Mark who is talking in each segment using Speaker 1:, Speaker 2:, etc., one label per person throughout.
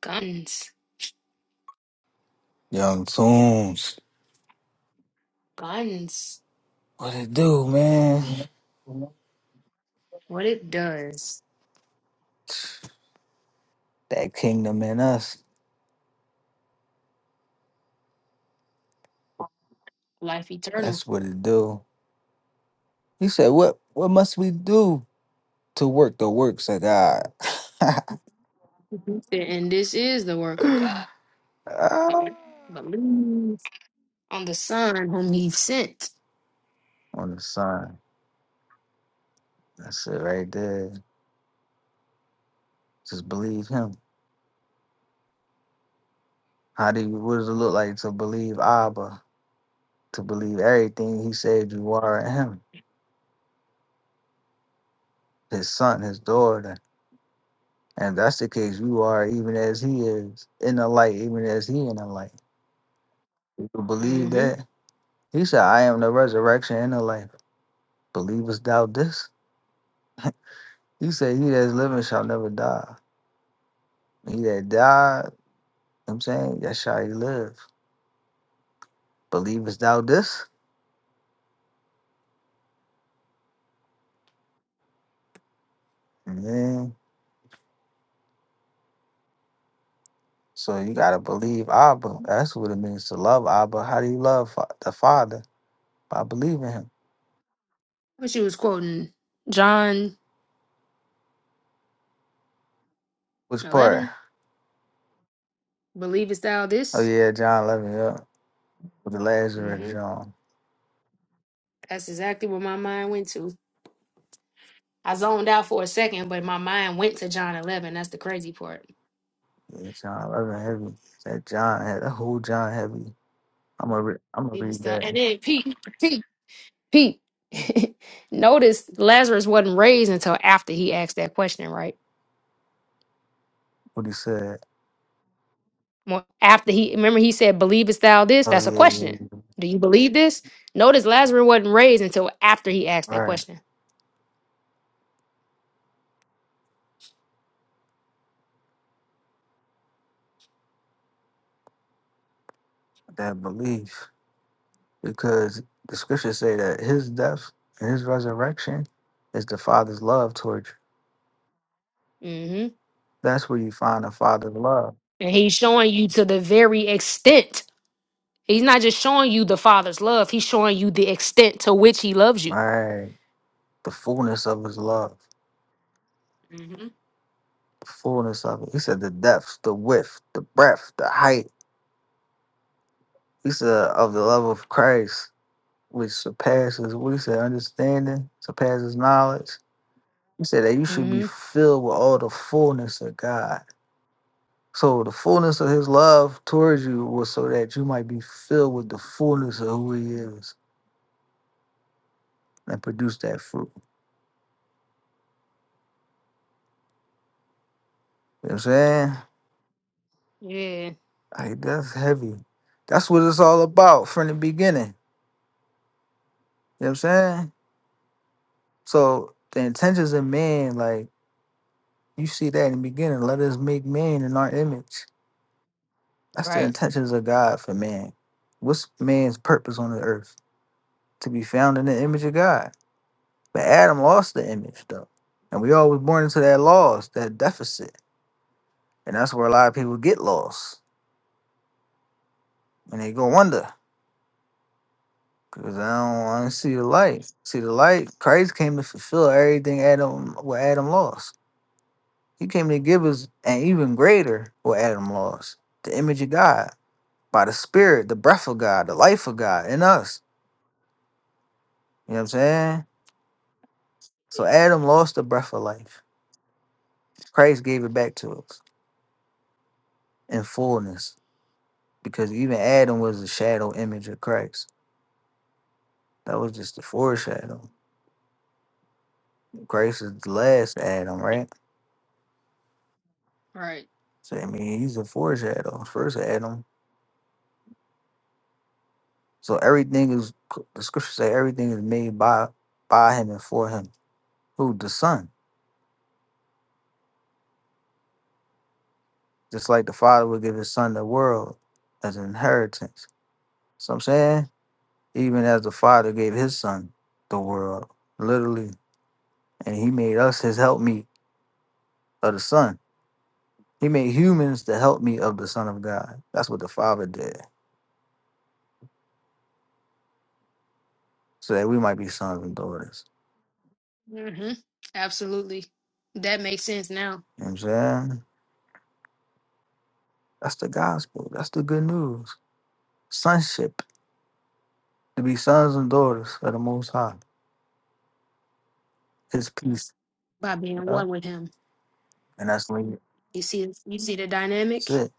Speaker 1: Guns.
Speaker 2: Young Tunes.
Speaker 1: Guns.
Speaker 2: What it do, man?
Speaker 1: What it does.
Speaker 2: That kingdom in us.
Speaker 1: Life eternal.
Speaker 2: That's what it do. He said, What what must we do to work the works of God?
Speaker 1: and this is the work of God.
Speaker 2: Ah,
Speaker 1: Believe on the Son whom he sent.
Speaker 2: On the sign. That's it right there. Just believe him. How do you what does it look like to believe Abba? To believe everything he said you are in him, his son, his daughter. And if that's the case, you are even as he is in the light, even as he in the light. You believe
Speaker 1: Mm-hmm.
Speaker 2: that? He said, I am the resurrection and the life. Believest thou this? He said, He that is living shall never die. He that died, I'm saying, that shall he live. Believest thou this? Yeah. So you gotta believe Abba. That's what it means to love Abba. How do you love fa- the Father? By believing him.
Speaker 1: But she was quoting John
Speaker 2: Which part?
Speaker 1: 11. Believest thou
Speaker 2: Oh
Speaker 1: this?
Speaker 2: yeah, John 11, yeah. With the Lazarus,
Speaker 1: Mm-hmm.
Speaker 2: John.
Speaker 1: That's exactly what my mind went to. I zoned out for a second, but my mind went to John 11. That's the crazy part.
Speaker 2: Yeah, John 11, heavy. That John, had- that whole John heavy. I'm gonna, re- I'm gonna
Speaker 1: Believest
Speaker 2: read
Speaker 1: thou? And
Speaker 2: that,
Speaker 1: then Pete, Pete, Pete. Notice Lazarus wasn't raised until after he asked that question, right?
Speaker 2: what he said.
Speaker 1: Well, after he remember he said, "Believest thou this?"
Speaker 2: Oh
Speaker 1: That's a
Speaker 2: yeah, yeah,
Speaker 1: question.
Speaker 2: yeah.
Speaker 1: Do you believe this? Notice Lazarus wasn't raised until after he asked
Speaker 2: All
Speaker 1: that
Speaker 2: right.
Speaker 1: question.
Speaker 2: that belief because the scriptures say that his death and his resurrection is the father's love towards you.
Speaker 1: hmm
Speaker 2: That's where you find the father's love.
Speaker 1: And he's showing you to the very extent. He's not just showing you the Father's love. He's showing you the extent to which He loves you.
Speaker 2: Right. The fullness of his love.
Speaker 1: hmm
Speaker 2: The fullness of it. He said the depth, the width, the breadth, the height. He said of the love of Christ, which surpasses what he said, understanding, surpasses knowledge. He said that you should be
Speaker 1: hmm
Speaker 2: filled with all the fullness of God. So the fullness of his love towards you was so that you might be filled with the fullness of who he is and produce that fruit. You know what I'm saying?
Speaker 1: Yeah.
Speaker 2: Like that's heavy. That's what it's all about from the beginning. You know what I'm saying? So the intentions of man, like you see that in the beginning, let us make man in our image. That's the
Speaker 1: Right.
Speaker 2: intentions of God for man. What's man's purpose on the earth? To be found in the image of God. But Adam lost the image though. And we all was born into that loss, that deficit. And that's where a lot of people get lost and they go under because they don't want to see the light. See the light, Christ came to fulfill everything Adam what Adam lost. He came to give us an even greater what Adam lost. The image of God by the spirit, the breath of God, the life of God in us. You know what I'm saying? So
Speaker 1: Yeah.
Speaker 2: Adam lost the breath of life. Christ gave it back to us in fullness. Because even Adam was a shadow image of Christ. That was just the foreshadow. Christ is the last Adam, right?
Speaker 1: Right.
Speaker 2: So I mean, he's a foreshadow, first Adam. So everything is the scripture say everything is made by by him and for him. Who the Son, just like the Father would give His Son the world as an inheritance. So I'm saying, even as the Father gave His Son the world, literally, and He made us His helpmeet of the Son. He made humans the helpmeet of the Son of God. That's what the Father did, so that we might be sons and daughters.
Speaker 1: hmm Absolutely. That makes sense now
Speaker 2: You know what I'm saying? That's the gospel. That's the good news sonship to be sons and daughters of the Most High. His peace.
Speaker 1: by being
Speaker 2: Yeah.
Speaker 1: one with Him.
Speaker 2: And that's when
Speaker 1: You see, you see the
Speaker 2: that's
Speaker 1: dynamic.
Speaker 2: it.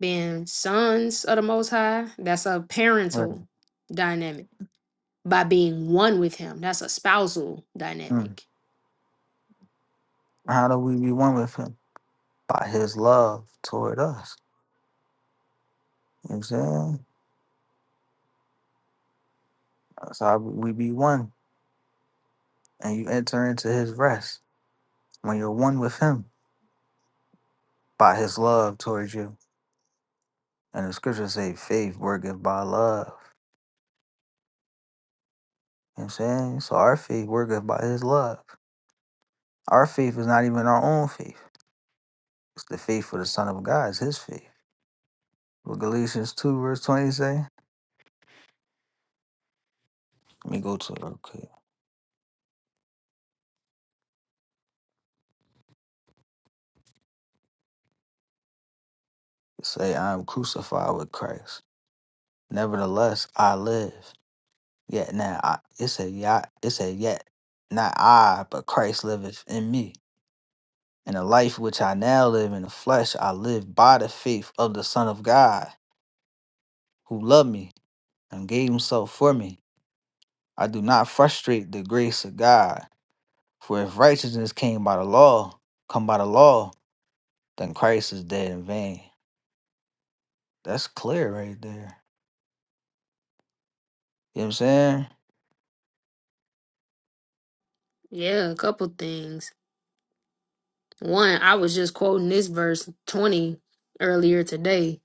Speaker 1: being sons of the Most High, that's a
Speaker 2: Right.
Speaker 1: parental dynamic. By being one with Him, that's a spousal
Speaker 2: Mm.
Speaker 1: dynamic.
Speaker 2: How do we be one with him? By his love toward us. You know what I'm saying? That's how we be one. And you enter into his rest when you're one with him by his love towards you. And the scriptures say faith worketh by love. You know what I'm saying? So our faith worketh by his love. Our faith is not even our own faith. It's the faith of the Son of God, it's his faith. What Galatians 2 verse 20 say? Let me go to it real quick. It say, I am crucified with Christ. Nevertheless, I live. Yet now, I, it say, yet, it say, yet, not I, but Christ liveth in me. And the life which I now live in the flesh, I live by the faith of the Son of God, who loved me and gave himself for me. I do not frustrate the grace of God. For if righteousness came by the law, come by the law, then Christ is dead in vain. That's clear right there. You know what I'm saying?
Speaker 1: Yeah, a couple things. One, I was just quoting this verse 20 earlier today.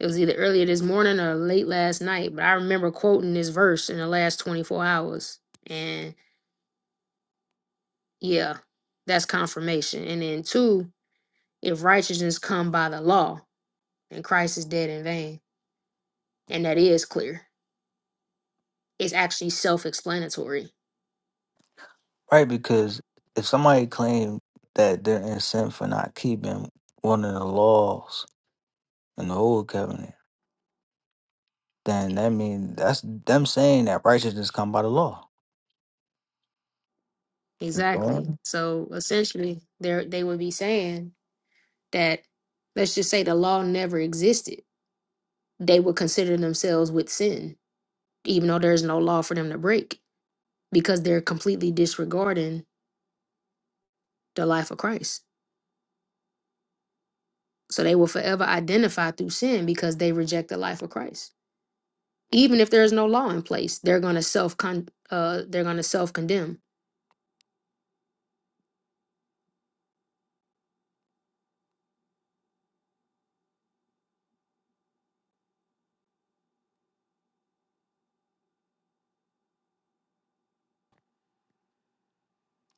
Speaker 1: It was either earlier this morning or late last night, but I remember quoting this verse in the last 24 hours. And yeah, that's confirmation. And then two, if righteousness come by the law, then Christ is dead in vain. And that is clear. is actually self-explanatory.
Speaker 2: Right, because if somebody claim that they're in sin for not keeping one of the laws in the old covenant, then that means that's them saying that righteousness come by the law.
Speaker 1: Exactly.
Speaker 2: Mhm.
Speaker 1: So essentially, they they would be saying that let's just say the law never existed. They would consider themselves with sin, even though there's no law for them to break, because they're completely disregarding the life of Christ. So they will forever identify through sin because they reject the life of Christ. Even if there's no law in place, they're gonna self con uh they're gonna self condemn.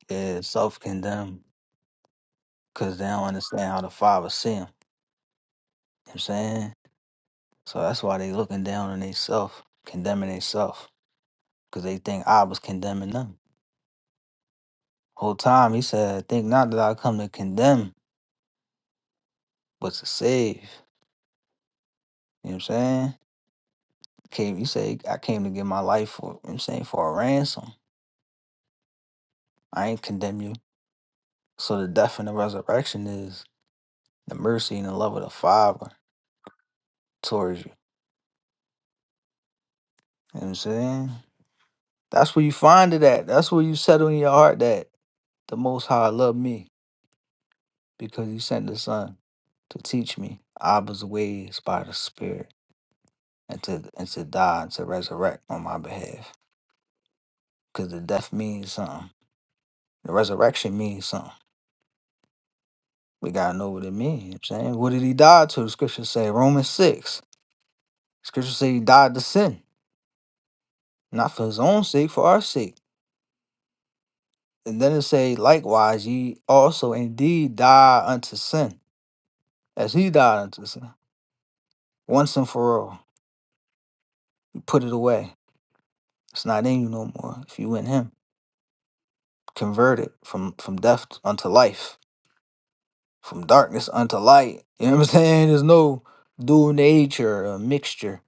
Speaker 2: Yeah, self condemn because they don't understand how the Father see them. You know what I'm saying? So that's why they looking down on themselves, condemning themselves, because they think I was condemning them. Whole time he said, think not that I come to condemn, but to save. You know what I'm saying? came you say I came to give my life for you know what I'm saying for a ransom. I ain't condemn you. So the death and the resurrection is the mercy and the love of the Father towards you. You know what I'm saying? That's where you find it at. That's where you settle in your heart that the most high loved me because he sent the son to teach me Abba's ways by the Spirit and to and to die and to resurrect on my behalf. Because the death means something. The resurrection means something. We gotta know what it means. You know what I'm saying, what did he die to? The scripture say Romans six. Scripture say he died to sin, not for his own sake, for our sake. And then it say, likewise, ye also indeed die unto sin, as he died unto sin, once and for all. You put it away. It's not in you no more. If you in him, converted from from death unto life, from darkness unto light. You know what I'm saying? There's no dual nature or mixture.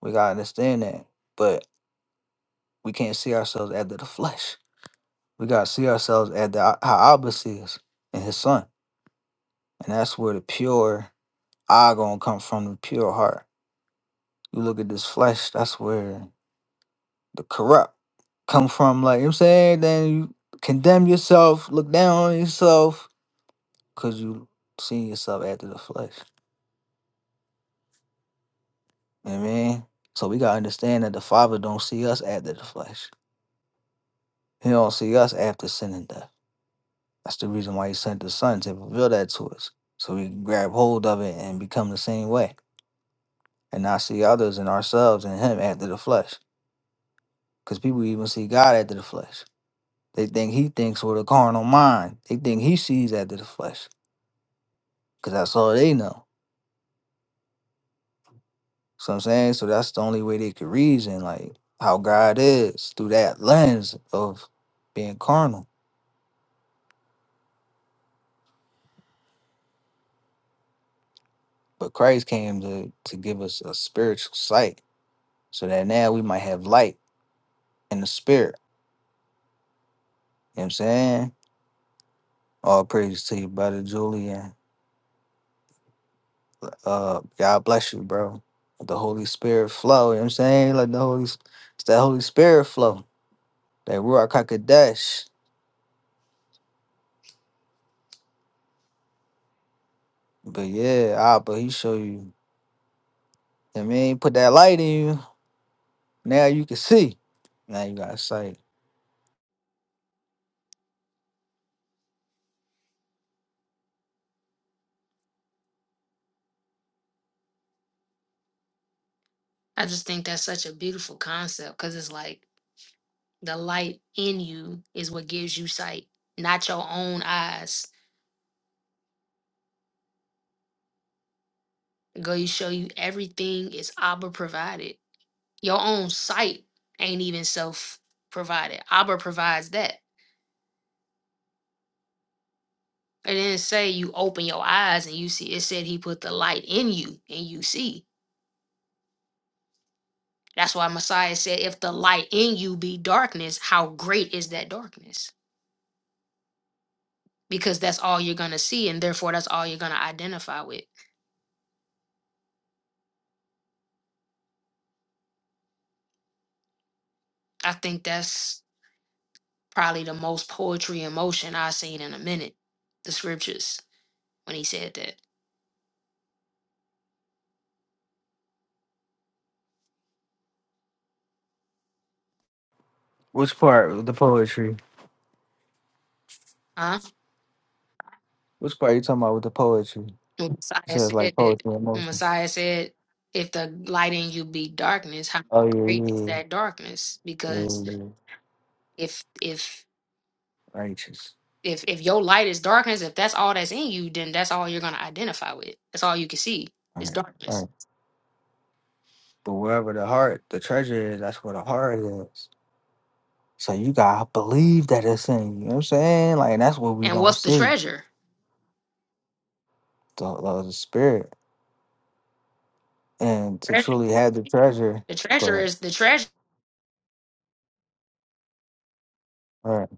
Speaker 2: We gotta understand that, but we can't see ourselves after the flesh. We gotta see ourselves at the how Abba sees and his son. And that's where the pure eye gonna come from, the pure heart. You look at this flesh, that's where the corrupt come from, like you know what I'm saying, then you condemn yourself, look down on yourself, cause you seeing yourself after the flesh. You know what I mean? So we gotta understand that the Father don't see us after the flesh. He don't see us after sin and death. That's the reason why he sent the Son to reveal that to us. So we can grab hold of it and become the same way. and not see others and ourselves and him after the flesh. Because people even see God after the flesh. They think he thinks with a carnal mind. They think he sees after the flesh. Because that's all they know. So I'm saying, so that's the only way they could reason, like how God is through that lens of being carnal. But Christ came to, to give us a spiritual sight so that now we might have light in the spirit. You know what I'm saying? All praise to you, Brother Julian. Uh, God bless you, bro. Let the Holy Spirit flow. You know what I'm saying? like the Holy, it's that Holy Spirit flow. That Ruach Hakodesh. But yeah, ah, but he show you. I mean, he put that light in you. Now you can see. Now you got sight.
Speaker 1: I just think that's such a beautiful concept because it's like The light in you is what gives you sight, not your own eyes. Go show you everything is Abba provided. Your own sight ain't even self provided. Abba provides that. It didn't say you open your eyes and you see. It said he put the light in you and you see. That's why Messiah said, if the light in you be darkness, how great is that darkness? Because that's all you're going to see. And therefore, that's all you're going to identify with. I think that's Probably the most poetry in motion I've seen in a minute. The scriptures when he said that,
Speaker 2: Which part? with The poetry.
Speaker 1: huh?
Speaker 2: Which part you talking about with the poetry?
Speaker 1: When
Speaker 2: He
Speaker 1: Messiah
Speaker 2: says
Speaker 1: said
Speaker 2: like poetry
Speaker 1: that.
Speaker 2: and
Speaker 1: When
Speaker 2: emotion.
Speaker 1: Messiah said, "If the light in you be darkness, how
Speaker 2: Oh yeah,
Speaker 1: great
Speaker 2: yeah,
Speaker 1: is
Speaker 2: yeah.
Speaker 1: that darkness?"
Speaker 2: yeah. yeah,
Speaker 1: Because
Speaker 2: yeah, yeah.
Speaker 1: if if
Speaker 2: Righteous.
Speaker 1: if if your light is darkness, if that's all that's in you, then that's all you're gonna identify with. That's all you can see
Speaker 2: All
Speaker 1: is
Speaker 2: right, all
Speaker 1: darkness.
Speaker 2: right. But wherever the heart, the treasure is, that's where the heart is. So you gotta believe that it's in you. You know what I'm saying? Like and that's what we
Speaker 1: And
Speaker 2: don't
Speaker 1: what's the
Speaker 2: see
Speaker 1: treasure?
Speaker 2: the the, the spirit. And to
Speaker 1: Treasure.
Speaker 2: truly have the treasure,
Speaker 1: The
Speaker 2: go
Speaker 1: treasure
Speaker 2: ahead.
Speaker 1: is the treasure.
Speaker 2: All right,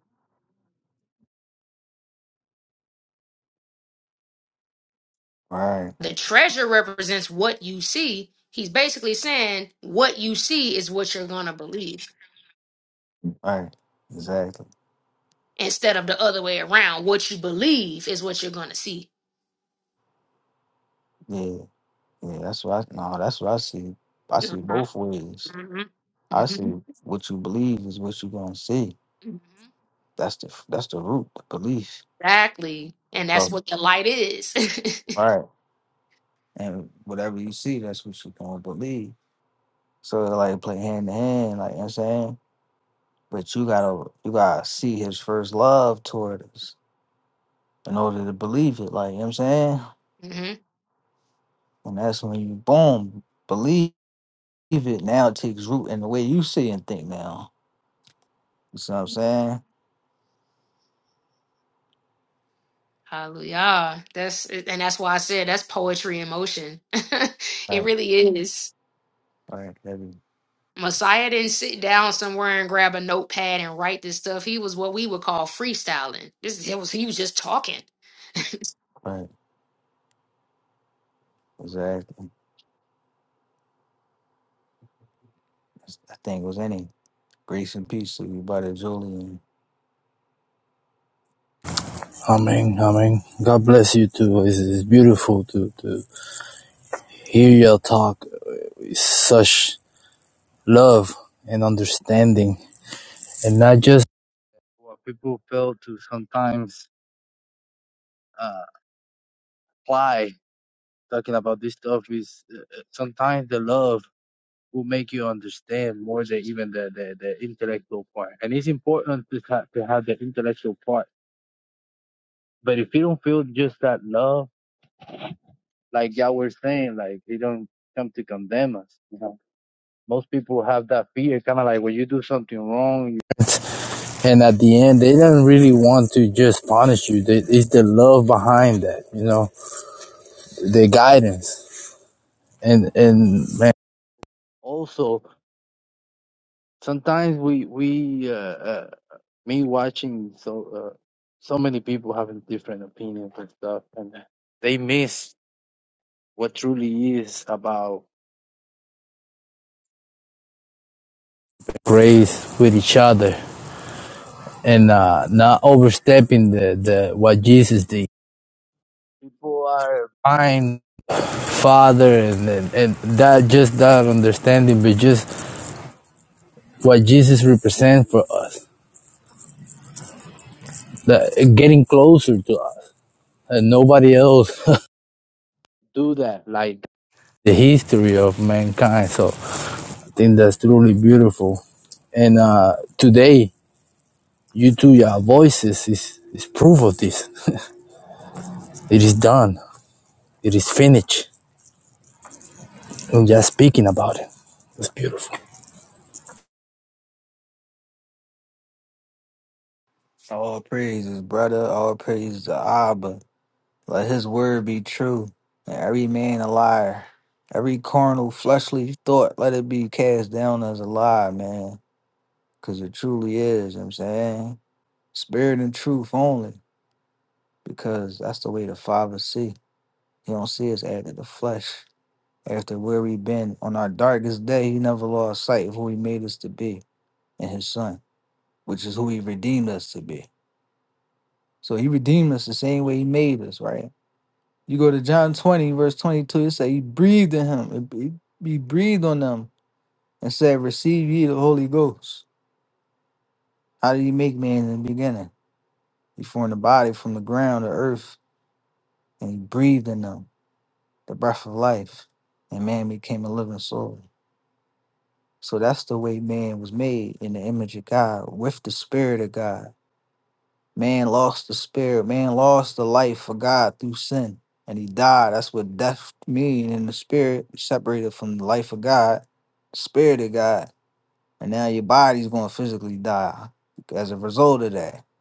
Speaker 2: all right,
Speaker 1: The treasure represents what you see. He's basically saying what you see is what you're going to believe
Speaker 2: all right. Exactly.
Speaker 1: instead of the other way around. What you believe is what you're going to see.
Speaker 2: Yeah, yeah. That's what I no. That's what I see. I see
Speaker 1: Mhm,
Speaker 2: both ways.
Speaker 1: mhm,
Speaker 2: I see
Speaker 1: mhm,
Speaker 2: what you believe is what you're gonna see.
Speaker 1: mhm.
Speaker 2: That's the that's the root, the belief.
Speaker 1: Exactly. And that's
Speaker 2: So
Speaker 1: what the light is.
Speaker 2: all right, and whatever you see, that's what you're gonna believe. So it like play hand to hand. Like you know what I'm saying But you gotta you gotta see his first love toward us in order to believe it. Like you know what I'm saying?
Speaker 1: hmm
Speaker 2: And that's when you boom, believe it. Now it takes root in the way you see and think now. You see what I'm saying?
Speaker 1: Hallelujah. That's and that's why I said that's poetry in motion. it
Speaker 2: Right,
Speaker 1: really is.
Speaker 2: right, every
Speaker 1: Messiah didn't sit down somewhere and grab a notepad and write this stuff. He was what we would call freestyling. This it was he was just talking.
Speaker 2: right, exactly. I think it was any grace and peace to you, brother Julian.
Speaker 3: Amen, amen. God bless you too. It's, it's beautiful to, to hear your talk with such love and understanding, and not just what people fail to sometimes uh, apply. Talking about this stuff is uh, uh, sometimes the love will make you understand more than even the, the, the intellectual part. And it's important to, ha- to have the intellectual part. But if you don't feel just that love, like y'all were saying, like they don't come to condemn us. Most people have that fear, kind of like when you do something wrong, you- and at the end, they don't really want to just punish you. They, it's the love behind that, you know, the guidance, and and man. Also, sometimes we we uh, uh, me watching so uh, so many people having different opinions and stuff, and they miss what truly is about grace with each other and uh, not overstepping the, the what Jesus did people are buying father and, and, and that just that understanding but just what jesus represents for us that getting closer to us and nobody else do that like the history of mankind so i think that's truly beautiful and uh today you two your voices is is proof of this it is done it is finished and just speaking about it it's beautiful
Speaker 2: All praises, brother. All praises to Abba. Let his word be true, and every man a liar. Every carnal, fleshly thought, let it be cast down as a lie, man. Because it truly is, you know what I'm saying? Spirit and truth only, because that's the way the Father see. He don't see us after the flesh. After where we been on our darkest day, he never lost sight of who he made us to be in his son, which is who he redeemed us to be. So he redeemed us the same way he made us, right? You go to John 20, verse 22, it say he breathed in him. He he breathed on them and said, Receive ye the Holy Ghost. How did he make man in the beginning? He formed the body from the ground, the earth, and he breathed in them the breath of life, and man became a living soul. So that's the way man was made in the image of God, with the spirit of God. Man lost the spirit. Man lost the life for God through sin, and he died. That's what death mean in the spirit, separated from the life of God, spirit of God, and now your body's going to physically die as a result of that. You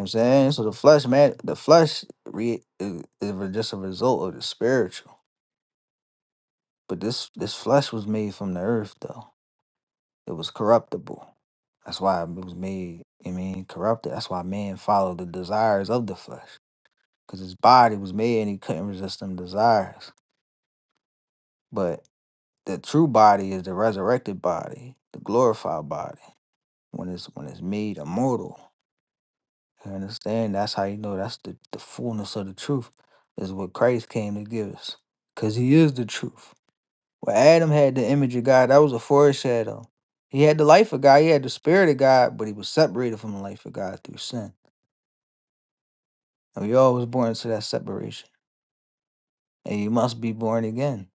Speaker 2: know what I'm saying? So the flesh, man, the flesh re- is, is re- just a result of the spiritual. But this this flesh was made from the earth, though. It was corruptible. That's why it was made. I mean, corrupted. That's why man followed the desires of the flesh. because his body was made and he couldn't resist them desires. But the true body is the resurrected body, the glorified body. When it's when it's made immortal, you understand? That's how you know that's the, the fullness of the truth is what Christ came to give us, because He is the truth. Well, Adam had the image of God. That was a foreshadow. He had the life of God. He had the spirit of God, but he was separated from the life of God through sin. And we all was born into that separation. And you must be born again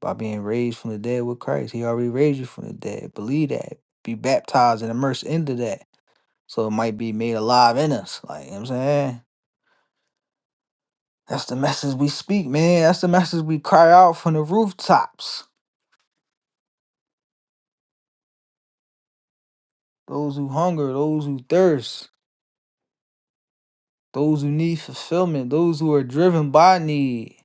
Speaker 2: by being raised from the dead with Christ. He already raised you from the dead. Believe that. Be baptized and immersed into that. So it might be made alive in us. Like, you know what I'm saying? That's the message we speak, man. That's the message we cry out from the rooftops. Those who hunger, those who thirst, those who need fulfillment, those who are driven by need,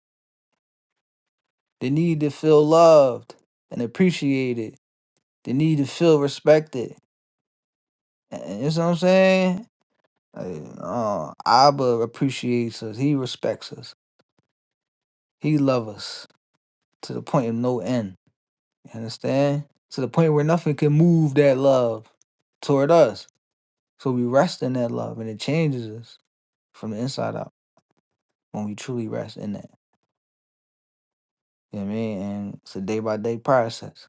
Speaker 2: the need to feel loved and appreciated, the need to feel respected. And, you know what I'm saying? Like, uh, Abba appreciates us. He respects us. He loves us to the point of no end. You understand? To the point where nothing can move that love toward us. So we rest in that love and it changes us from the inside out when we truly rest in that. You know what I mean? And it's a day by day process.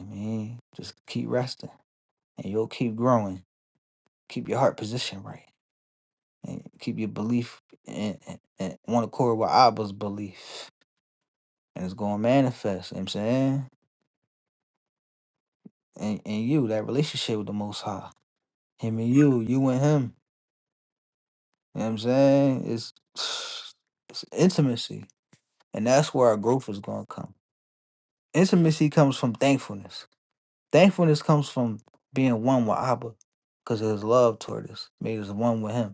Speaker 2: I mean, just keep resting and you'll keep growing. Keep your heart position right and keep your belief and, and, and one accord with Abba's belief. and it's going to manifest. You know what I'm saying? And and you, that relationship with the Most High, him and you, you and him. You know what I'm saying? It's it's intimacy, and that's where our growth is going to come. Intimacy comes from thankfulness. Thankfulness comes from being one with Abba, because His love toward us made us one with Him.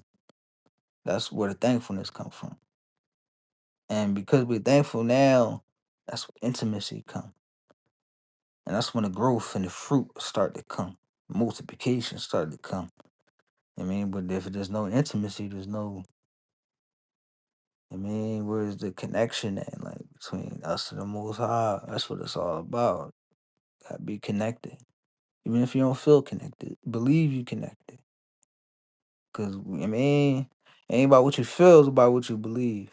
Speaker 2: That's where the thankfulness comes from. And because we're thankful now, that's where intimacy comes. And that's when the growth and the fruit start to come. Multiplication start to come I mean, but if there's no intimacy, there's no. I mean, where's the connection at, like between us and the Most High? That's what it's all about. Gotta be connected, even if you don't feel connected. Believe you connected, cause I mean, ain't about what you feel, it's about what you believe.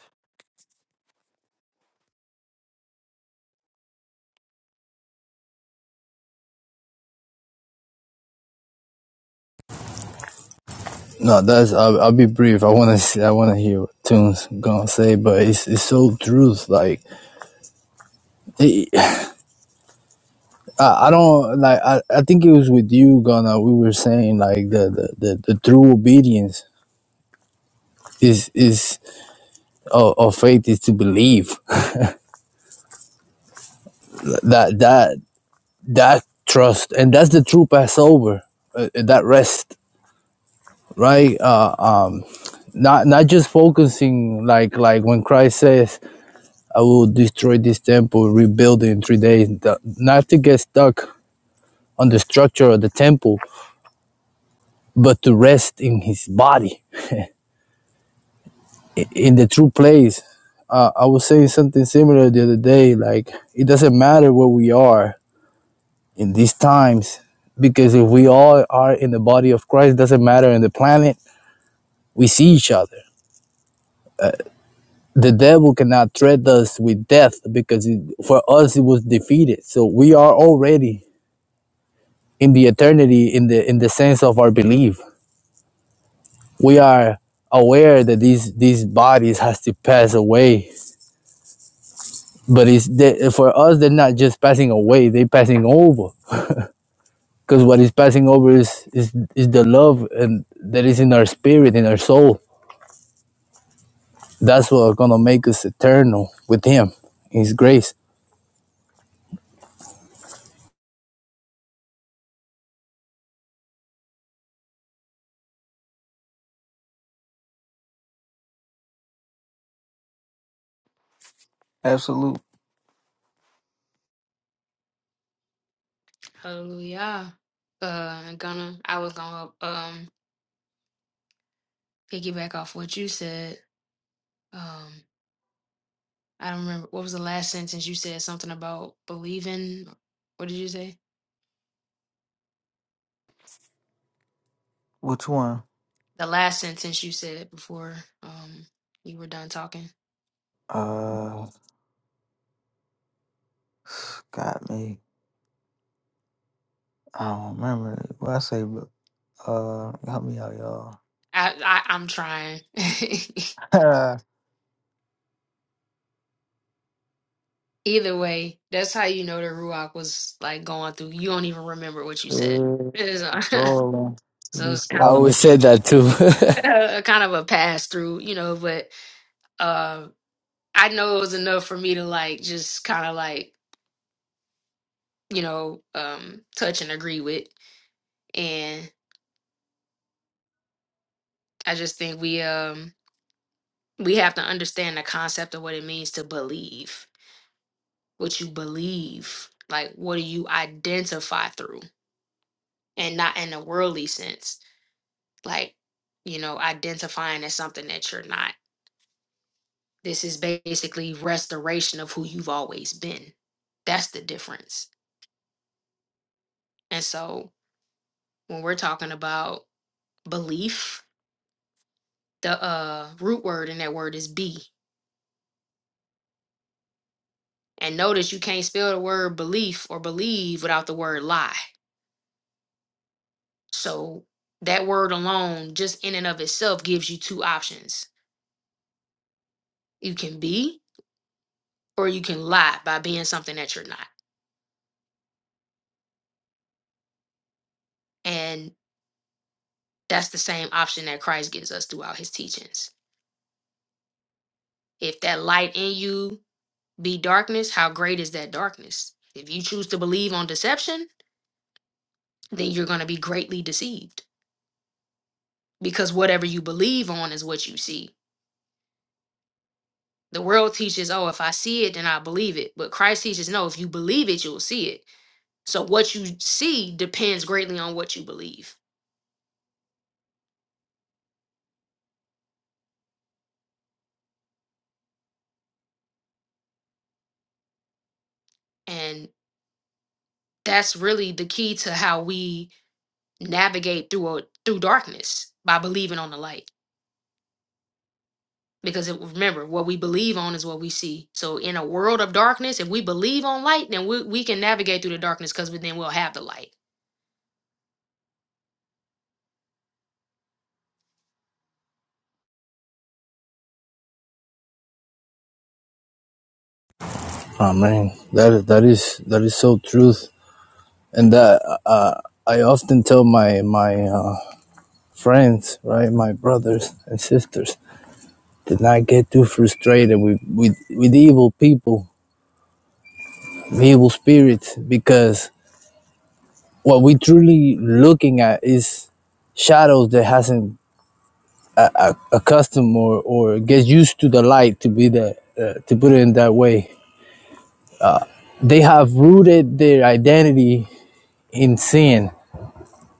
Speaker 3: No, that's I'll, I'll be brief. I want to I want to hear what Tunes gonna say, but it's it's so truth. Like it, I, I don't like I, I think it was with you Ghana. We were saying like the the, the, the true obedience is is of, of faith is to believe that that that trust and that's the true Passover uh, that rest right uh, um not not just focusing like like when Christ says I will destroy this temple, rebuild it in three days. Not to get stuck on the structure of the temple, but to rest in his body, in the true place. Uh, I was saying something similar the other day. Like, it doesn't matter where we are in these times, because if we all are in the body of Christ, it doesn't matter in the planet, we see each other. The devil cannot threaten us with death because it, for us it was defeated. So we are already in the eternity in the in the sense of our belief we are aware that these these bodies has to pass away but it's they, for us they're not just passing away they're passing over because what is passing over is, is is the love and that is in our spirit in our soul that's what's gonna make us eternal with him his grace
Speaker 2: Absolute.
Speaker 1: Hallelujah. Uh, I'm gonna I was gonna um piggyback off what you said. Um, I don't remember what was the last sentence you said something about believing. What did you say?
Speaker 2: Which one?
Speaker 1: The last sentence you said before um you were done talking.
Speaker 2: Uh, got me. I don't remember. What I say? but, Uh, help me out, y'all.
Speaker 1: I, I I'm trying. Either way, that's how you know the Ruach was like going through. You don't even remember what you said.
Speaker 2: Yeah, it
Speaker 1: It is
Speaker 2: just be
Speaker 1: a-
Speaker 2: rolling, it
Speaker 1: so
Speaker 2: be
Speaker 1: it's kind
Speaker 3: i
Speaker 1: of,
Speaker 3: always
Speaker 2: flowing.
Speaker 3: said that too
Speaker 1: a kind of a pass through, you know, but uh, I know it was enough for me to like just kind of like, you know, um, touch and agree with. And I just think we um we have to understand the concept of what it means to believe, what you believe, like what do you identify through and not in a worldly sense like you know identifying as something that you're not this is basically restoration of who you've always been that's the difference and so when we're talking about belief the uh root word in that word is be and notice you can't spell the word belief or believe without the word lie so that word alone just in and of itself gives you two options you can be or you can lie by being something that you're not And That's the same option that Christ gives us throughout his teachings. If that light in you be darkness, how great is that darkness? If you choose to believe on deception, then you're going to be greatly deceived because whatever you believe on is what you see. The world teaches, oh, if I see it, then I believe it. But Christ teaches, no, if you believe it, you'll see it. So what you see depends greatly on what you believe. And that's really the key to how we navigate through a, through darkness by believing on the light Because it, remember, what we believe on is what we see. So in a world of darkness, if we believe on light, then we, we can navigate through the darkness because then we'll have the light.
Speaker 3: oh man that that is that is so truth and that uh, i often tell my my uh, friends, right, my brothers and sisters, did not get too frustrated with, with, with evil people, evil spirits, because what we truly looking at is shadows that hasn't accustomed or, or gets used to the light to be that uh, to put it in that way they have rooted their identity in sin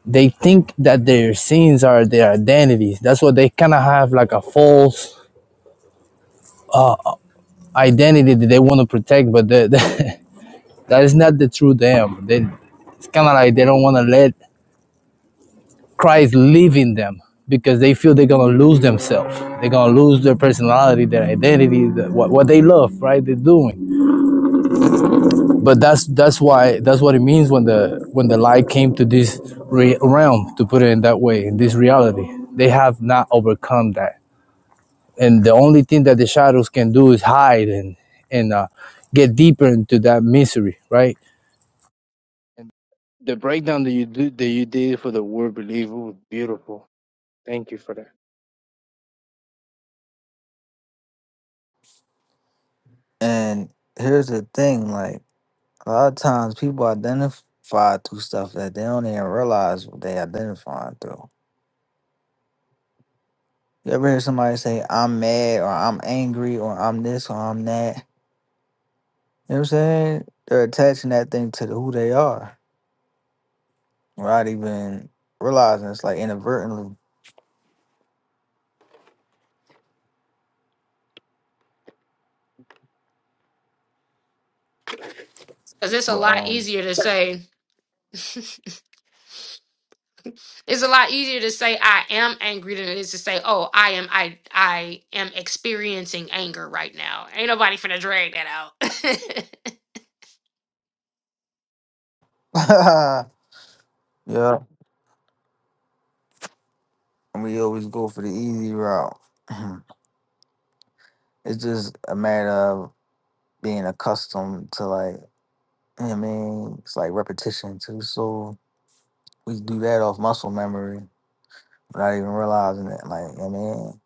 Speaker 3: they think that their sins are their identities that's what they kind of have like a false identity that they want to protect but the, the, That is not the true them. They, it's kind of like they don't want to let Christ live in them because they feel they're gonna lose themselves. They're gonna lose their personality, their identity, the, what what they love, right? They're doing. But that's that's why that's what it means when the when the light came to this re- realm, to put it in that way, in this reality. They have not overcome that, and the only thing that the shadows can do is hide and and uh, get deeper into that misery, right? The breakdown that you do that you did for the word believer was beautiful. Thank you for that.
Speaker 2: And here's the thing, like a lot of times people identify through stuff that they don't even realize what they identifying through. You ever hear somebody say, I'm mad or I'm angry or I'm this or I'm that? You know what I'm saying? They're attaching that thing to who they are without even realizing it's like inadvertently.
Speaker 1: Because it's a
Speaker 2: But
Speaker 1: lot
Speaker 2: um
Speaker 1: easier to say, it's a lot easier to say I am angry than it is to say, oh, I am I I am experiencing anger right now. Ain't nobody finna drag that out.
Speaker 2: yeah. And we always go for the easy route. it's just a matter of being accustomed to like You know what I mean, it's like repetition too. So we do that off muscle memory, not even realizing it. Like, you know what I mean,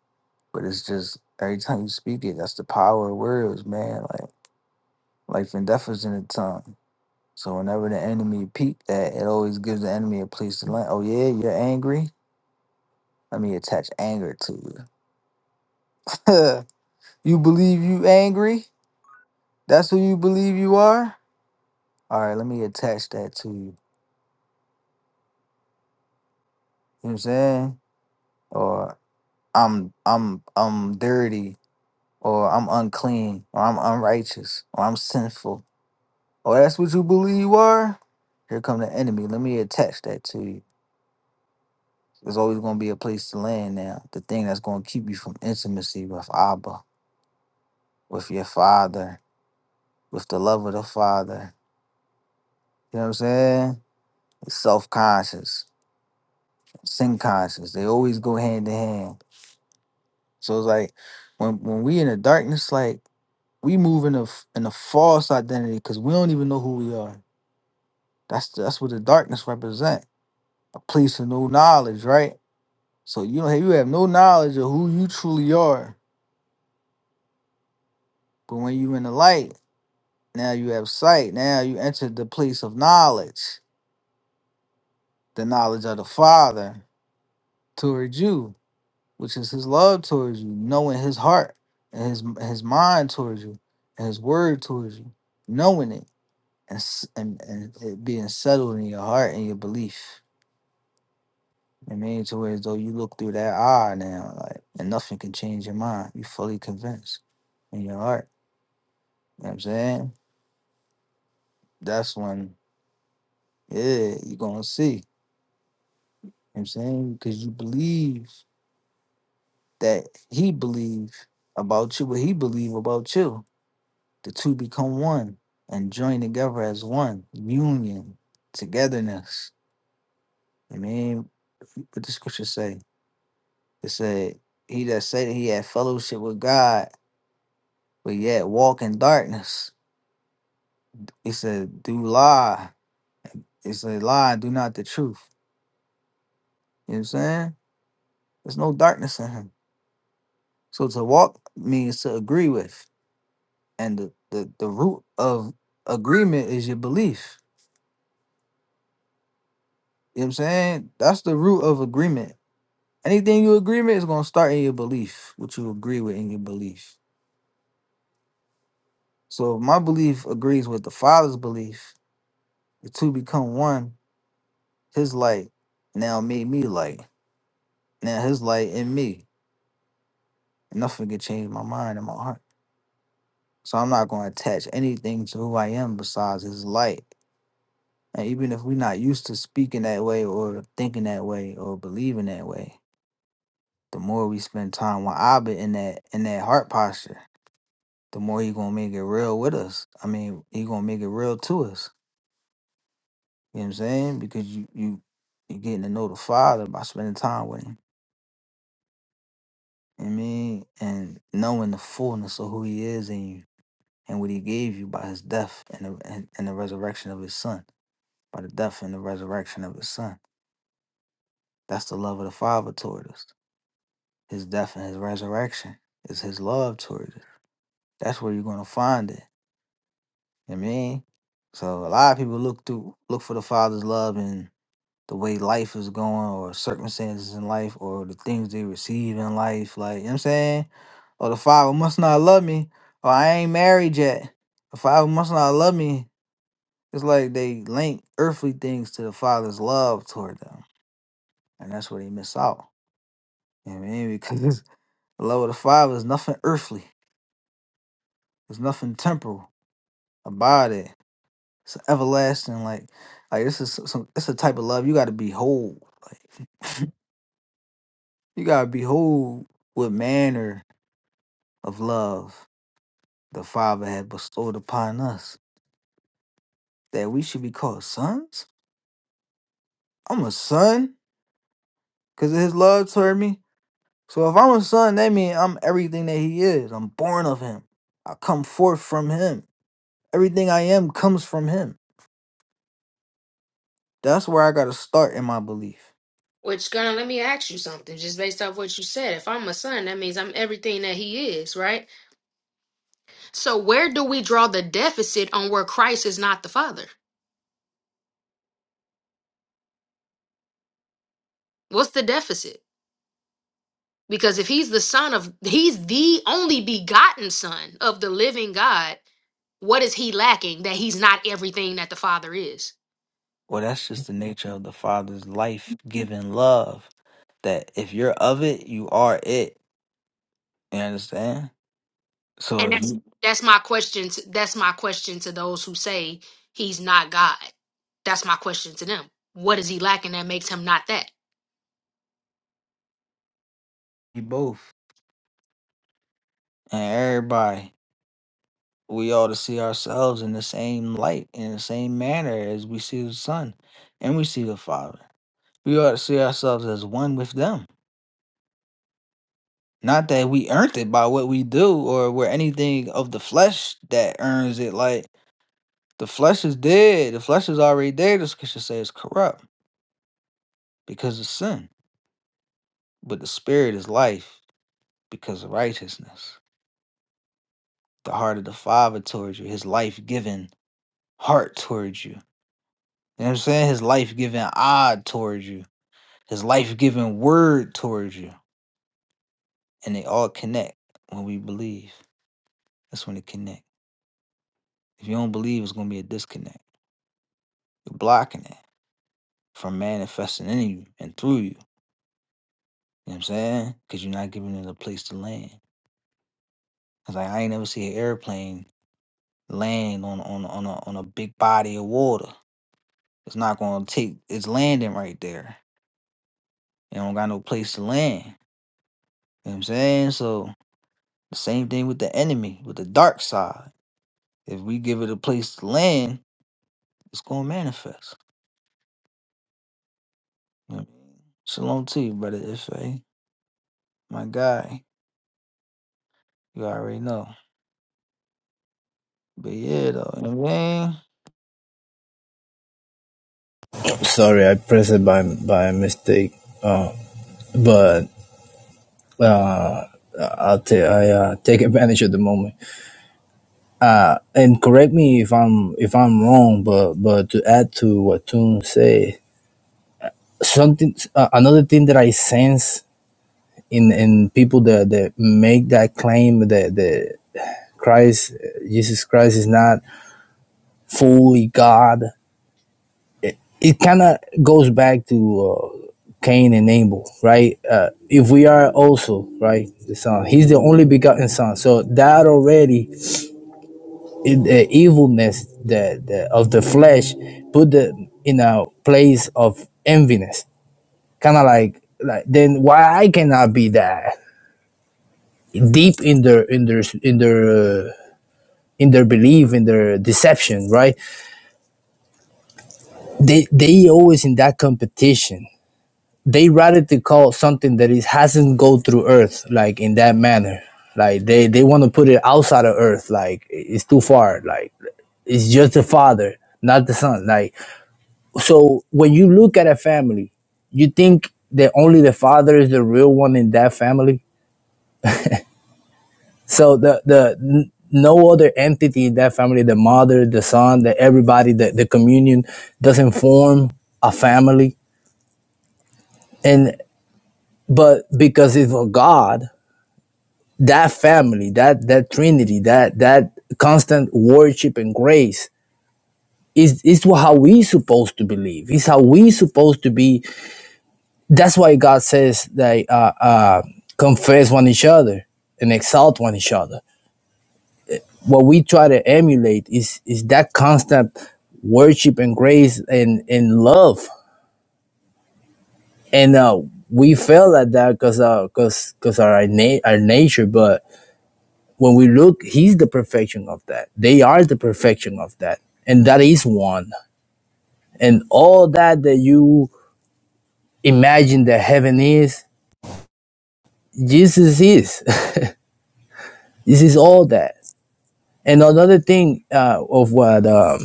Speaker 2: but it's just every time you speak it, that's the power of words, man. Like, life and death is in the tongue. So whenever the enemy peep that, it always gives the enemy a place to land. Oh yeah, you're angry. Let me attach anger to you. you believe you angry? That's who you believe you are. All right, let me attach that to you. You know what I'm saying? Or I'm I'm I'm dirty. or I'm unclean, or I'm unrighteous, or I'm sinful, or that's what you believe you are, here come the enemy. Let me attach that to you. There's always going to be a place to land now. The thing that's going to keep you from intimacy with Abba, with your father, with the love of the father. You know what I'm saying? Self conscious, sin conscious. They always go hand in hand. So it's like when when we in the darkness, like we move in a f- in a false identity because we don't even know who we are. That's that's what the darkness represent. A place of no knowledge, right? So you don't have, you have no knowledge of who you truly are. But when you in the light, now you have sight. Now you enter the place of knowledge, the knowledge of the Father towards you, which is His love towards you, knowing His heart and His His mind towards you, and His word towards you, knowing it and s- and, and it being settled in your heart and your belief. I mean, to where as though you look through that eye now, like, and nothing can change your mind. You fully convinced in your heart. You know what I'm saying? That's when, yeah, you're gonna see. You know what I'm saying? Because you believe that he believe about you, what he believe about you. The two become one and join together as one. Union, togetherness. I mean, what the scripture say? It said, he that said that he had fellowship with God, but yet walk in darkness. It said, do lie. It said, lie, do not the truth. You know what I'm saying? There's no darkness in him. So to walk means to agree with. And the, the, the root of agreement is your belief. You know what I'm saying? That's the root of agreement. Anything you agree with is going to start in your belief, what you agree with in your belief. So if my belief agrees with the Father's belief, the two become one. His light now made me light. Now his light in me. Nothing can change my mind and my heart. So I'm not going to attach anything to who I am besides his light. And even if we're not used to speaking that way or thinking that way or believing that way, the more we spend time with Abba in that in that heart posture, the more he gonna make it real with us. I mean, he gonna make it real to us. You know what I'm saying? Because you you you're getting to know the Father by spending time with him. You know what I mean, and knowing the fullness of who he is in you and what he gave you by his death and the, and, and the resurrection of his son. by the death and the resurrection of his son. That's the love of the Father toward us. His death and his resurrection is his love toward us. That's where you're gonna find it. You know what I mean, so a lot of people look through look for the Father's love in the way life is going or circumstances in life or the things they receive in life, like you know what I'm saying? Or the Father must not love me, or I ain't married yet. The Father must not love me. It's like they link earthly things to the Father's love toward them. And that's where they miss out. Yeah, man, because the love of the Father is nothing earthly. It's nothing temporal about it. It's everlasting. Like, like this is some. some- It's a type of love you got to behold. Like, you got to behold what manner of love the Father had bestowed upon us that we should be called sons. I'm a son because of His love toward me. So if I'm a son, that means I'm everything that He is. I'm born of Him. I come forth from Him. Everything I am comes from Him That's where I got to start in my belief.
Speaker 1: Which gonna let me ask you something, just based off what you said. If I'm a son, that means I'm everything that he is, right? So where do we draw the deficit on where Christ is not the father? What's the deficit? because if he's the son of he's the only begotten son of the living god what is he lacking that he's not everything that the father is
Speaker 2: Well, that's just the nature of the Father's life giving love. That if you're of it, you are it. You understand? So
Speaker 1: and
Speaker 2: if
Speaker 1: that's
Speaker 2: you,
Speaker 1: that's my question to, that's my question to those who say he's not god that's my question to them what is he lacking that makes him not that
Speaker 2: you both and everybody, we ought to see ourselves in the same light, in the same manner as we see the Son and we see the Father. We ought to see ourselves as one with them. Not that we earned it by what we do or we're anything of the flesh that earns it. Like, The flesh is dead. The flesh is already dead. The scripture says corrupt because of sin. But the spirit is life because of righteousness. The heart of the Father towards you, his life giving heart towards you. You know what I'm saying? His life giving eye towards you, his life giving word towards you. And they all connect when we believe. That's when they connect. If you don't believe, it's going to be a disconnect. You're blocking it from manifesting in you and through you. You know what I'm saying? Because you're not giving it a place to land. Cause like, I ain't never see an airplane land on on on a on a big body of water. It's not gonna take. It's landing right there. It don't got no place to land. You know what I'm saying? So the same thing with the enemy, with the dark side. If we give it a place to land, it's gonna manifest. You know what I mean? Shalom to you, brother Ife. My guy, you already know. But yeah, though, you know what I mean?
Speaker 3: Sorry, I pressed it by by mistake. Uh, but uh, I'll ta- I, uh, take advantage of the moment. Uh, and correct me if I'm if I'm wrong. But but to add to what Toon said, something uh, another thing that I sense in in people that that make that claim that that Christ Jesus Christ is not fully God. it kind of goes back to uh, Cain and Abel, right? Uh, if we are also right, the son, he's the only begotten son. So that already in the evilness the the, of the flesh put the in a place of enviness, kind of like like then why I cannot be that deep in their in their in their uh, in their belief in their deception, right? They they always in that competition they radically call something that it is hasn't go through Earth like in that manner. Like they they want to put it outside of Earth. Like it's too far. Like it's just the father, not the son. Like so when you look at a family, you think that only the father is the real one in that family. So the the n- no other entity in that family, the mother, the son, the everybody, the, the communion doesn't form a family. And but because it's a God, that family, that that Trinity, that that constant worship and grace is is how we supposed to believe. It's how we supposed to be. That's why God says that uh, uh, confess one each other and exalt one each other. What we try to emulate is is that constant worship and grace and and love. And uh, we fail at that because because uh, because our na- our nature, but. when we look, he's the perfection of that. They are the perfection of that. And that is one. And all that that you imagine that heaven is, Jesus is. this is all that. And another thing uh, of what um,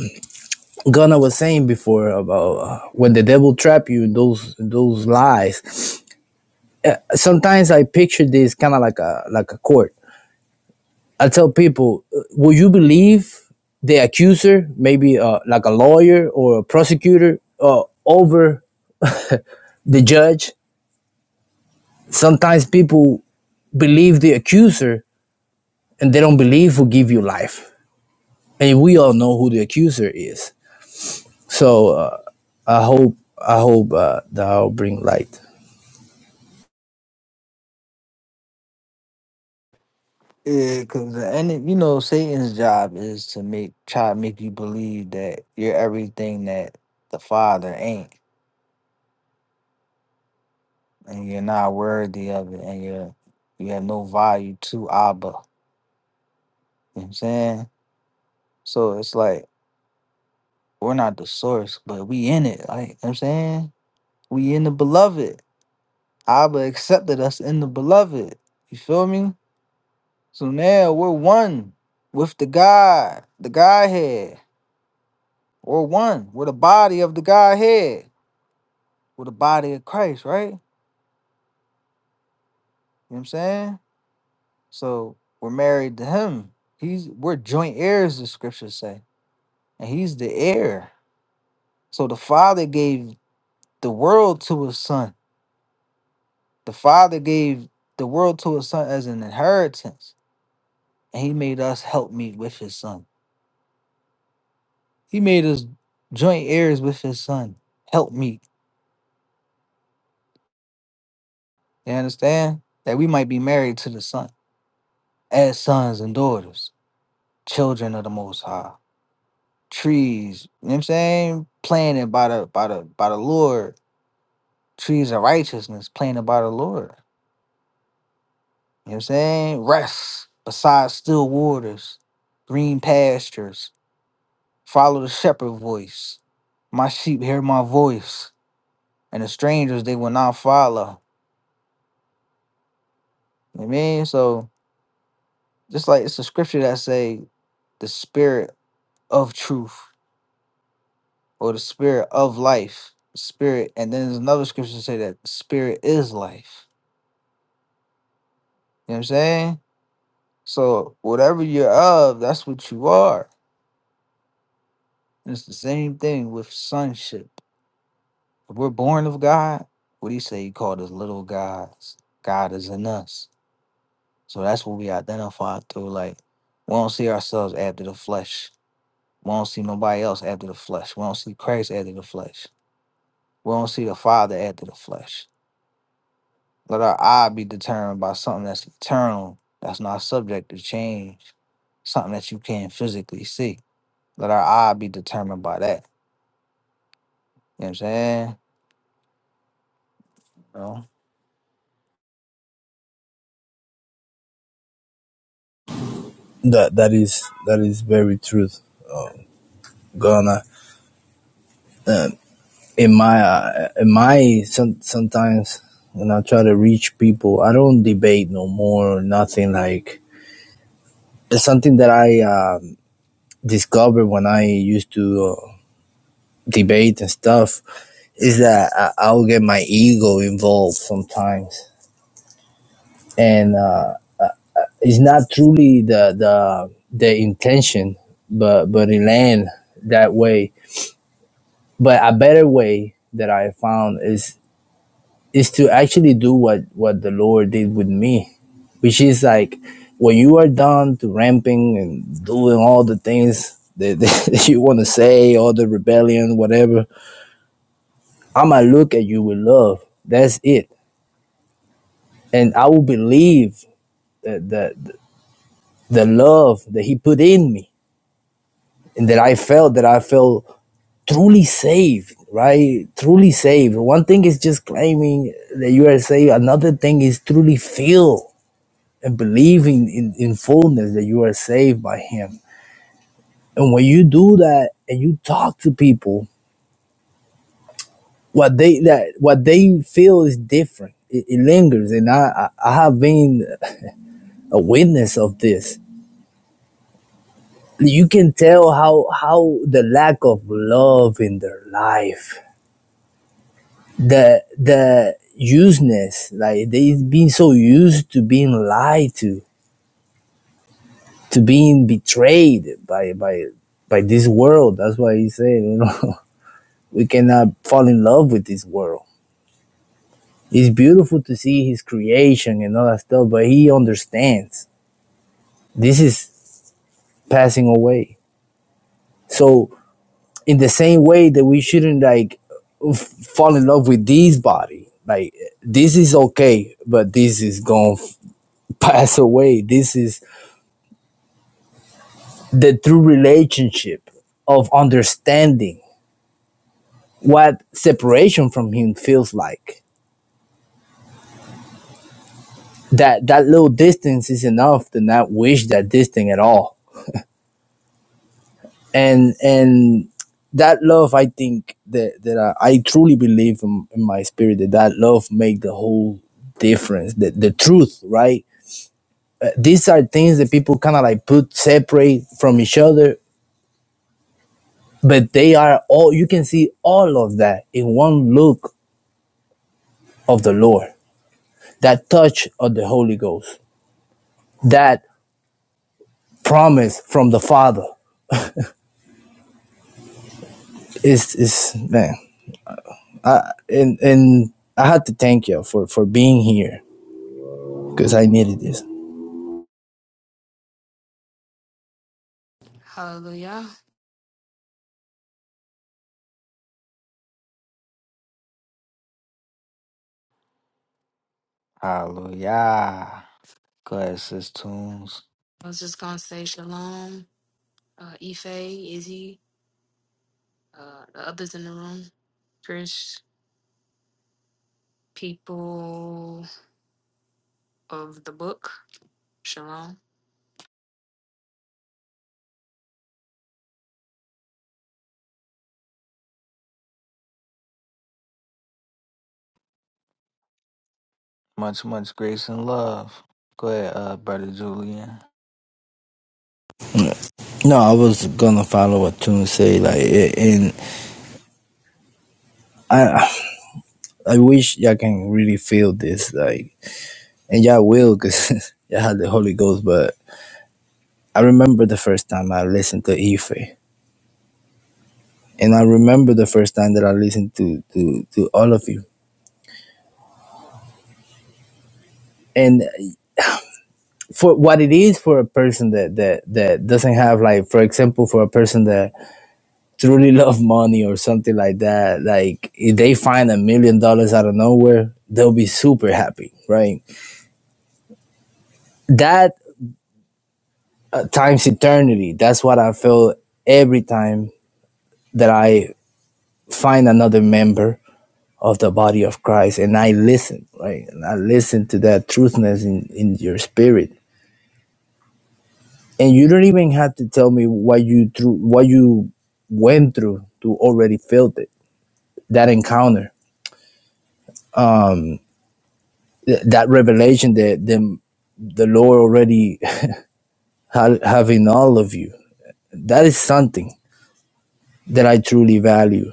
Speaker 3: Gunnar was saying before about uh, when the devil trap you in those those lies. Sometimes I picture this kind of like a like a court I tell people, uh, will you believe the accuser, maybe uh, like a lawyer or a prosecutor, uh, over the judge? Sometimes people believe the accuser and they don't believe who give you life. And we all know who the accuser is. So uh, I hope I hope uh, that I'll bring light.
Speaker 2: Yeah, because and you know Satan's job is to make try to make you believe that you're everything that the Father ain't, and you're not worthy of it, and you're you have no value to Abba. You know what I'm saying? So it's like we're not the source, but we in it. Like you know what I'm saying, we in the beloved. Abba accepted us in the beloved. You feel me? So now we're one with the God, the Godhead. We're one. We're the body of the Godhead. with the body of Christ, right? You know what I'm saying? So we're married to him. He's we're joint heirs, the scriptures say. And he's the heir. So the father gave the world to his son. The father gave the world to his son as an inheritance. And he made us helpmeet with his son. He made us joint heirs with his son. helpmeet. You understand? That we might be married to the son as sons and daughters, children of the most high. trees, you know what I'm saying? Planted by the by the by the Lord, trees of righteousness planted by the Lord. You know what I'm saying? Rest beside still waters, green pastures, follow the shepherd voice. My sheep hear my voice, and the strangers they will not follow. You know what I mean? So just like it's a scripture that say the spirit of truth or the spirit of life. Spirit, and then there's another scripture that say that spirit is life. You know what I'm saying? So whatever you're of, that's what you are. And it's the same thing with sonship. If we're born of God, what do you say he called us little gods? God is in us. So that's what we identify through. Like we don't see ourselves after the flesh. We don't see nobody else after the flesh. We don't see Christ after the flesh. We don't see the Father after the flesh. Let our eye be determined by something that's eternal, that's not subject to change, something that you can't physically see. Let our eye be determined by that You know what I'm saying? So,
Speaker 3: That that is that is very truth, uh, Ghana. in my uh, in my some, sometimes when I try to reach people, I don't debate no more nothing like it's something that I um, discovered when I used to uh, debate and stuff is that I, I'll get my ego involved sometimes and uh, it's not truly the the the intention but but it land that way but a better way that I found is. is to actually do what what the Lord did with me, which is like when you are done to ramping and doing all the things that, that you want to say, all the rebellion, whatever. I'ma look at you with love. That's it, and I will believe that the the love that He put in me, and that I felt that I felt truly saved right truly saved one thing is just claiming that you are saved another thing is truly feel. and believing in, in fullness that you are saved by him and when you do that and you talk to people what they that what they feel is different it, it lingers and I, I have been a witness of this you can tell how how the lack of love in their life the the useness like they've been so used to being lied to to being betrayed by by by this world that's why he said you know we cannot fall in love with this world. It's beautiful to see his creation and all that stuff, but he understands this is passing away. So, in the same way that we shouldn't like fall in love with this body, like this is okay, but this is gonna pass away. This is the true relationship of understanding what separation from him feels like. That that little distance is enough to not wish that distance at all and and that love i think that that i, I truly believe in, in my spirit that that love make the whole difference the, the truth right Uh, these are things that people kind of like put separate from each other but they are all you can see all of that in one look of the lord that touch of the holy ghost that promise from the father is is man and and i had to thank you for for being here because i needed this
Speaker 1: hallelujah
Speaker 2: hallelujah. Go ahead, sis Tunes.
Speaker 1: i was just gonna say shalom uh ife izzy uh the others in the room chris people of the book shalom
Speaker 2: Much, much grace and love. Go ahead, uh, brother Julian.
Speaker 3: No, I was gonna follow what Tune say, like, a- and I I wish y'all can really feel this, like, and y'all will, cause y'all had the Holy Ghost. But I remember the first time I listened to Ife, and I remember the first time that I listened to to to all of you. And for what it is for a person that that that doesn't have, like, for example, for a person that truly love money or something like that, like, if they find a million dollars out of nowhere, they'll be super happy, right? that uh, times eternity. That's what I feel every time that I find another member of the body of Christ and I listen, right? And I listen to that truthness in, in your spirit. And you don't even have to tell me what you through what you went through to already feel it. That encounter, um, th- that revelation that the, the Lord already ha- have in all of you. That is something that I truly value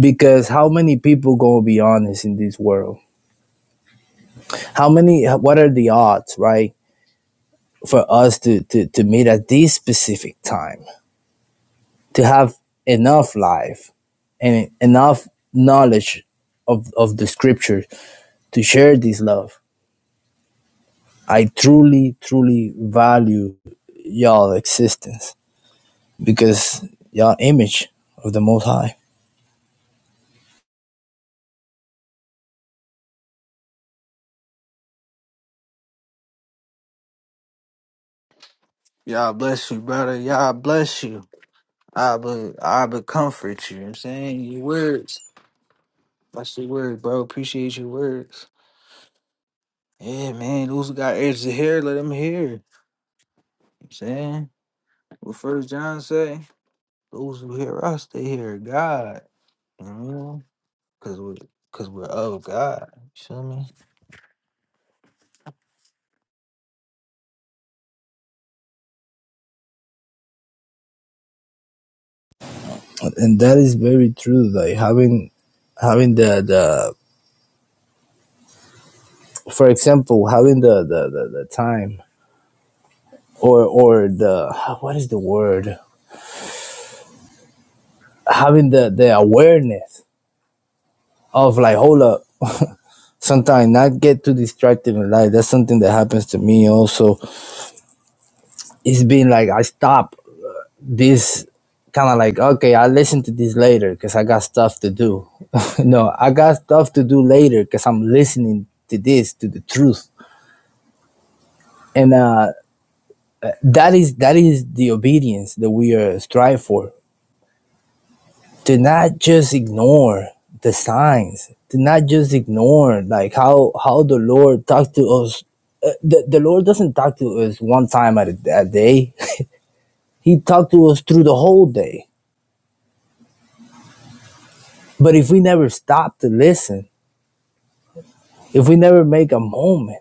Speaker 3: because how many people gonna be honest in this world how many what are the odds right for us to to, to meet at this specific time to have enough life and enough knowledge of of the scriptures to share this love i truly truly value y'all existence because y'all image of the most high
Speaker 2: Y'all bless you, brother. Y'all bless you. I but I but comfort you. You know what I'm saying your words. That's your word, bro. Appreciate your words. Yeah, man. Those who got ears to hear, let them hear. You know what I'm saying what First John say. Those who hear us, they hear God. You know, cause we, cause we're of God. You feel me?
Speaker 3: and that is very true like having having the the for example, having the the, the, the time or or the what is the word? Having the the awareness of like, hold up. Sometimes not get too distracted in life. That's something that happens to me also. It's been like I stop this kind of like okay, I listen to this later because I got stuff to do. no, I got stuff to do later because I'm listening to this to the truth, and uh, that is that is the obedience that we are strive for do not just ignore the signs do not just ignore like how how the lord talked to us Uh, the, the lord doesn't talk to us one time at a, a day he talked to us through the whole day but if we never stop to listen if we never make a moment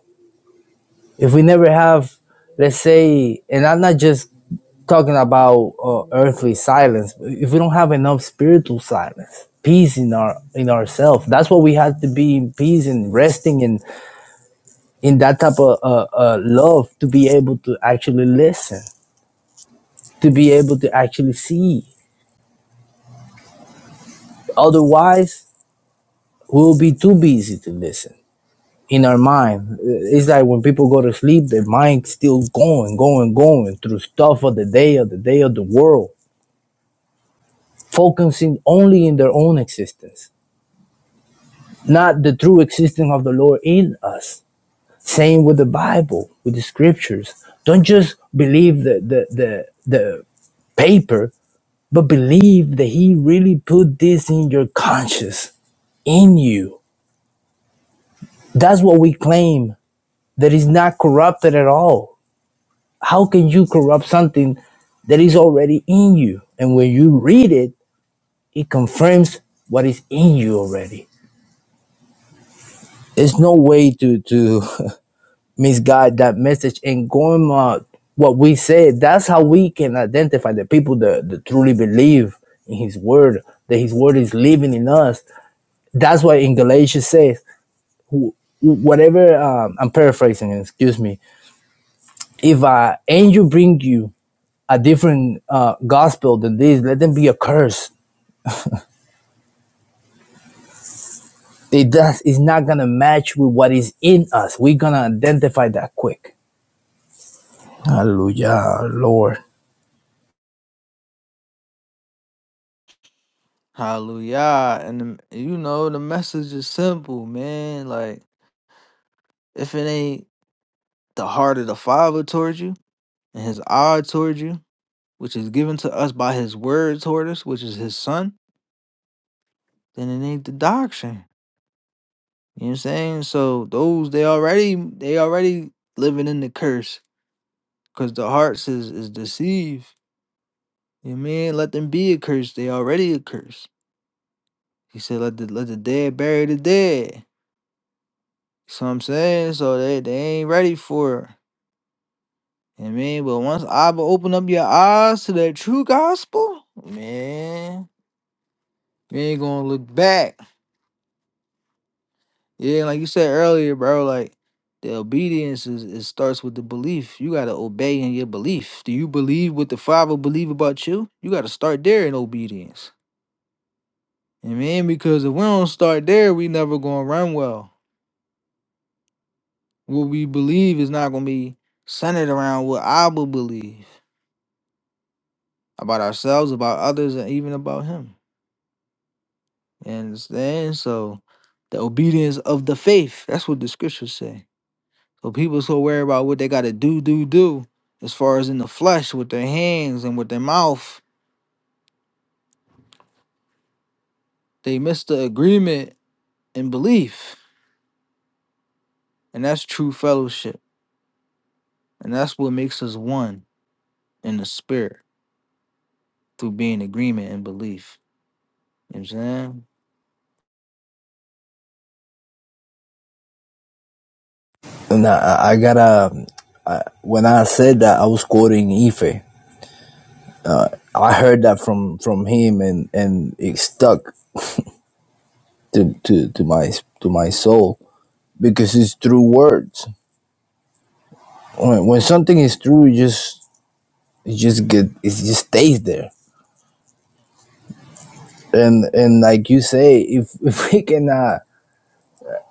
Speaker 3: if we never have let's say and i'm not just talking about uh, earthly silence but if we don't have enough spiritual silence peace in our in ourselves that's what we have to be in peace and resting in in that type of uh, uh, love to be able to actually listen, to be able to actually see. Otherwise, we'll be too busy to listen in our mind. It's like when people go to sleep, their mind's still going, going, going through stuff of the day, of the day, of the world, focusing only in their own existence, not the true existence of the Lord in us Same with the Bible, with the scriptures. Don't just believe the the the, the paper, but believe that he really put this in your conscience, in you. That's what we claim that is not corrupted at all. How can you corrupt something that is already in you? And when you read it, it confirms what is in you already. There's no way to to misguide that message and going uh, what we said that's how we can identify the people that, that truly believe in his word that his word is living in us that's why in galatians says whatever um, i'm paraphrasing excuse me if an angel bring you a different uh, gospel than this let them be accursed. it does it's not gonna match with what is in us we're gonna identify that quick hallelujah lord
Speaker 2: Hallelujah. And the, you know, the message is simple, man. Like, if it ain't the heart of the Father towards you and his eye towards you, which is given to us by his word toward us, which is his son, then it ain't the doctrine. You know what I'm saying? So those they already they already living in the curse because the hearts is is deceived. You know what I mean? Let them be accursed. They already accursed. He said, let the let the dead bury the dead. So I'm saying, so they, they ain't ready for it. I mean, but once I be- open up your eyes to that true gospel, man, you ain't gonna look back. Yeah, like you said earlier, bro. Like the obedience is it starts with the belief. You gotta obey in your belief. Do you believe what the Father believe about you? You gotta start there in obedience. I mean, because if we don't start there, we never gonna run well. What we believe is not gonna be centered around what I will believe about ourselves, about others, and even about Him. You understand? So the obedience of the faith. That's what the scriptures say. So people so worried about what they gotta do, do, do, as far as in the flesh with their hands and with their mouth, they miss the agreement in belief. And that's true fellowship. And that's what makes us one in the spirit through being agreement and belief. You know what I'm saying?
Speaker 3: Nah, I I gotta. I, when I said that, I was quoting Ife. I heard that from from him, and and it stuck to to to my to my soul because it's through words. When, when something is true, it just it just get it just stays there. And and like you say, if if we cannot,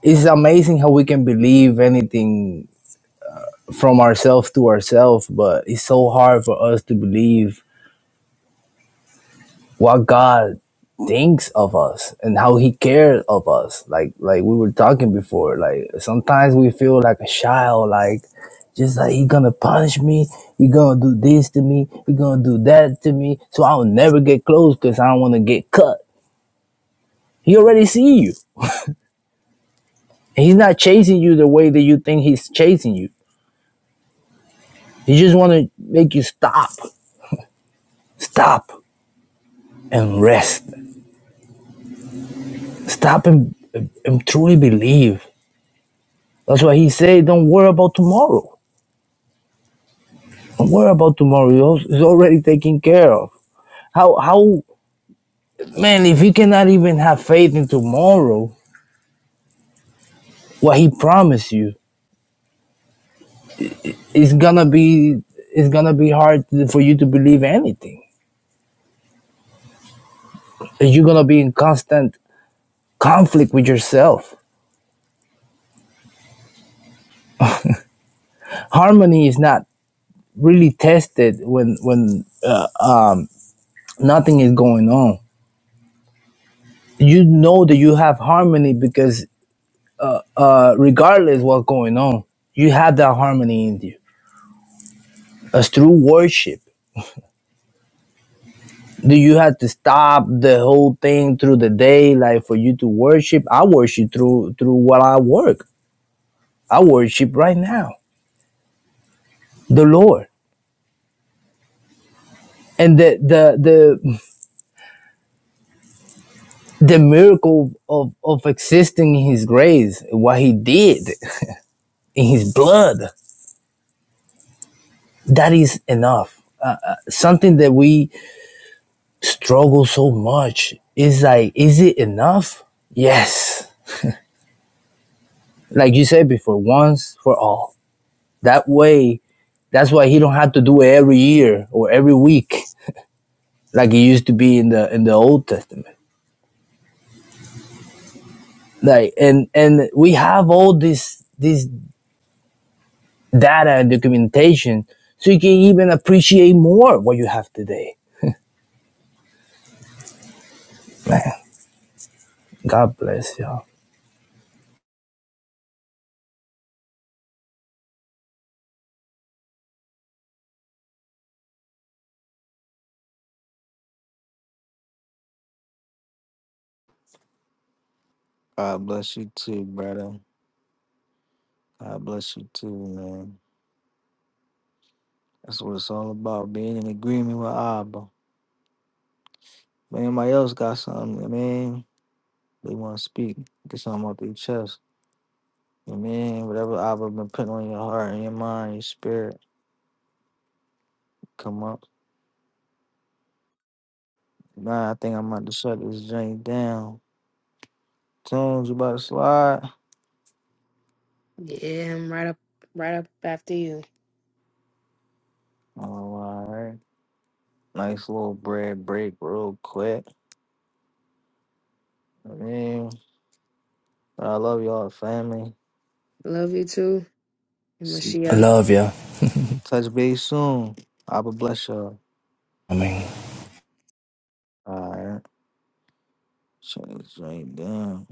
Speaker 3: it's amazing how we can believe anything from ourselves to ourselves, but it's so hard for us to believe what God thinks of us and how he cares of us. Like like we were talking before. Like sometimes we feel like a child, like just like he gonna punish me, he gonna do this to me, he gonna do that to me, so I'll never get close because I don't wanna get cut. He already see you. And he's not chasing you the way that you think he's chasing you. He just wanna make you stop. Stop and rest. Stop and, and truly believe. That's why he said don't worry about tomorrow What about tomorrow? It's already taken care of. How how man, if you cannot even have faith in tomorrow, what he promised you, it's gonna be it's gonna be hard for you to believe anything. You're gonna be in constant conflict with yourself. Harmony is not really tested when when uh, um, nothing is going on. You know that you have harmony because uh, regardless what's going on, you have that harmony in you. That's through worship Do you have to stop the whole thing through the day, like for you to worship? I worship through through what I work. I worship right now the Lord, and the the the the miracle of of existing in His grace, what He did in His blood, that is enough. Uh, uh, something that we struggle so much is like, is it enough? Yes, like you said before, once for all That way, that's why he don't have to do it every year or every week like it used to be in the in the Old Testament. Like and and we have all this this data and documentation, so you can even appreciate more what you have today. Man, God bless y'all.
Speaker 2: God bless you too, brother. God bless you too, man. That's what it's all about, being in agreement with Abba. If anybody else got something, man? They want to speak, get something off their chest. And then whatever I've been putting on your heart and your mind, your spirit, come up. Nah, I think I'm about to shut this joint down. Tunes, you about to slide?
Speaker 1: Yeah, I'm right up, right up after you.
Speaker 2: Oh, all right. Nice little bread break real quick. I mean, I love y'all, family.
Speaker 1: Love you too, and
Speaker 2: See,
Speaker 3: I
Speaker 1: Mashiach.
Speaker 3: love you.
Speaker 2: touch base soon. I will bless y'all.
Speaker 3: I mean.
Speaker 2: All right. Shut this joint down.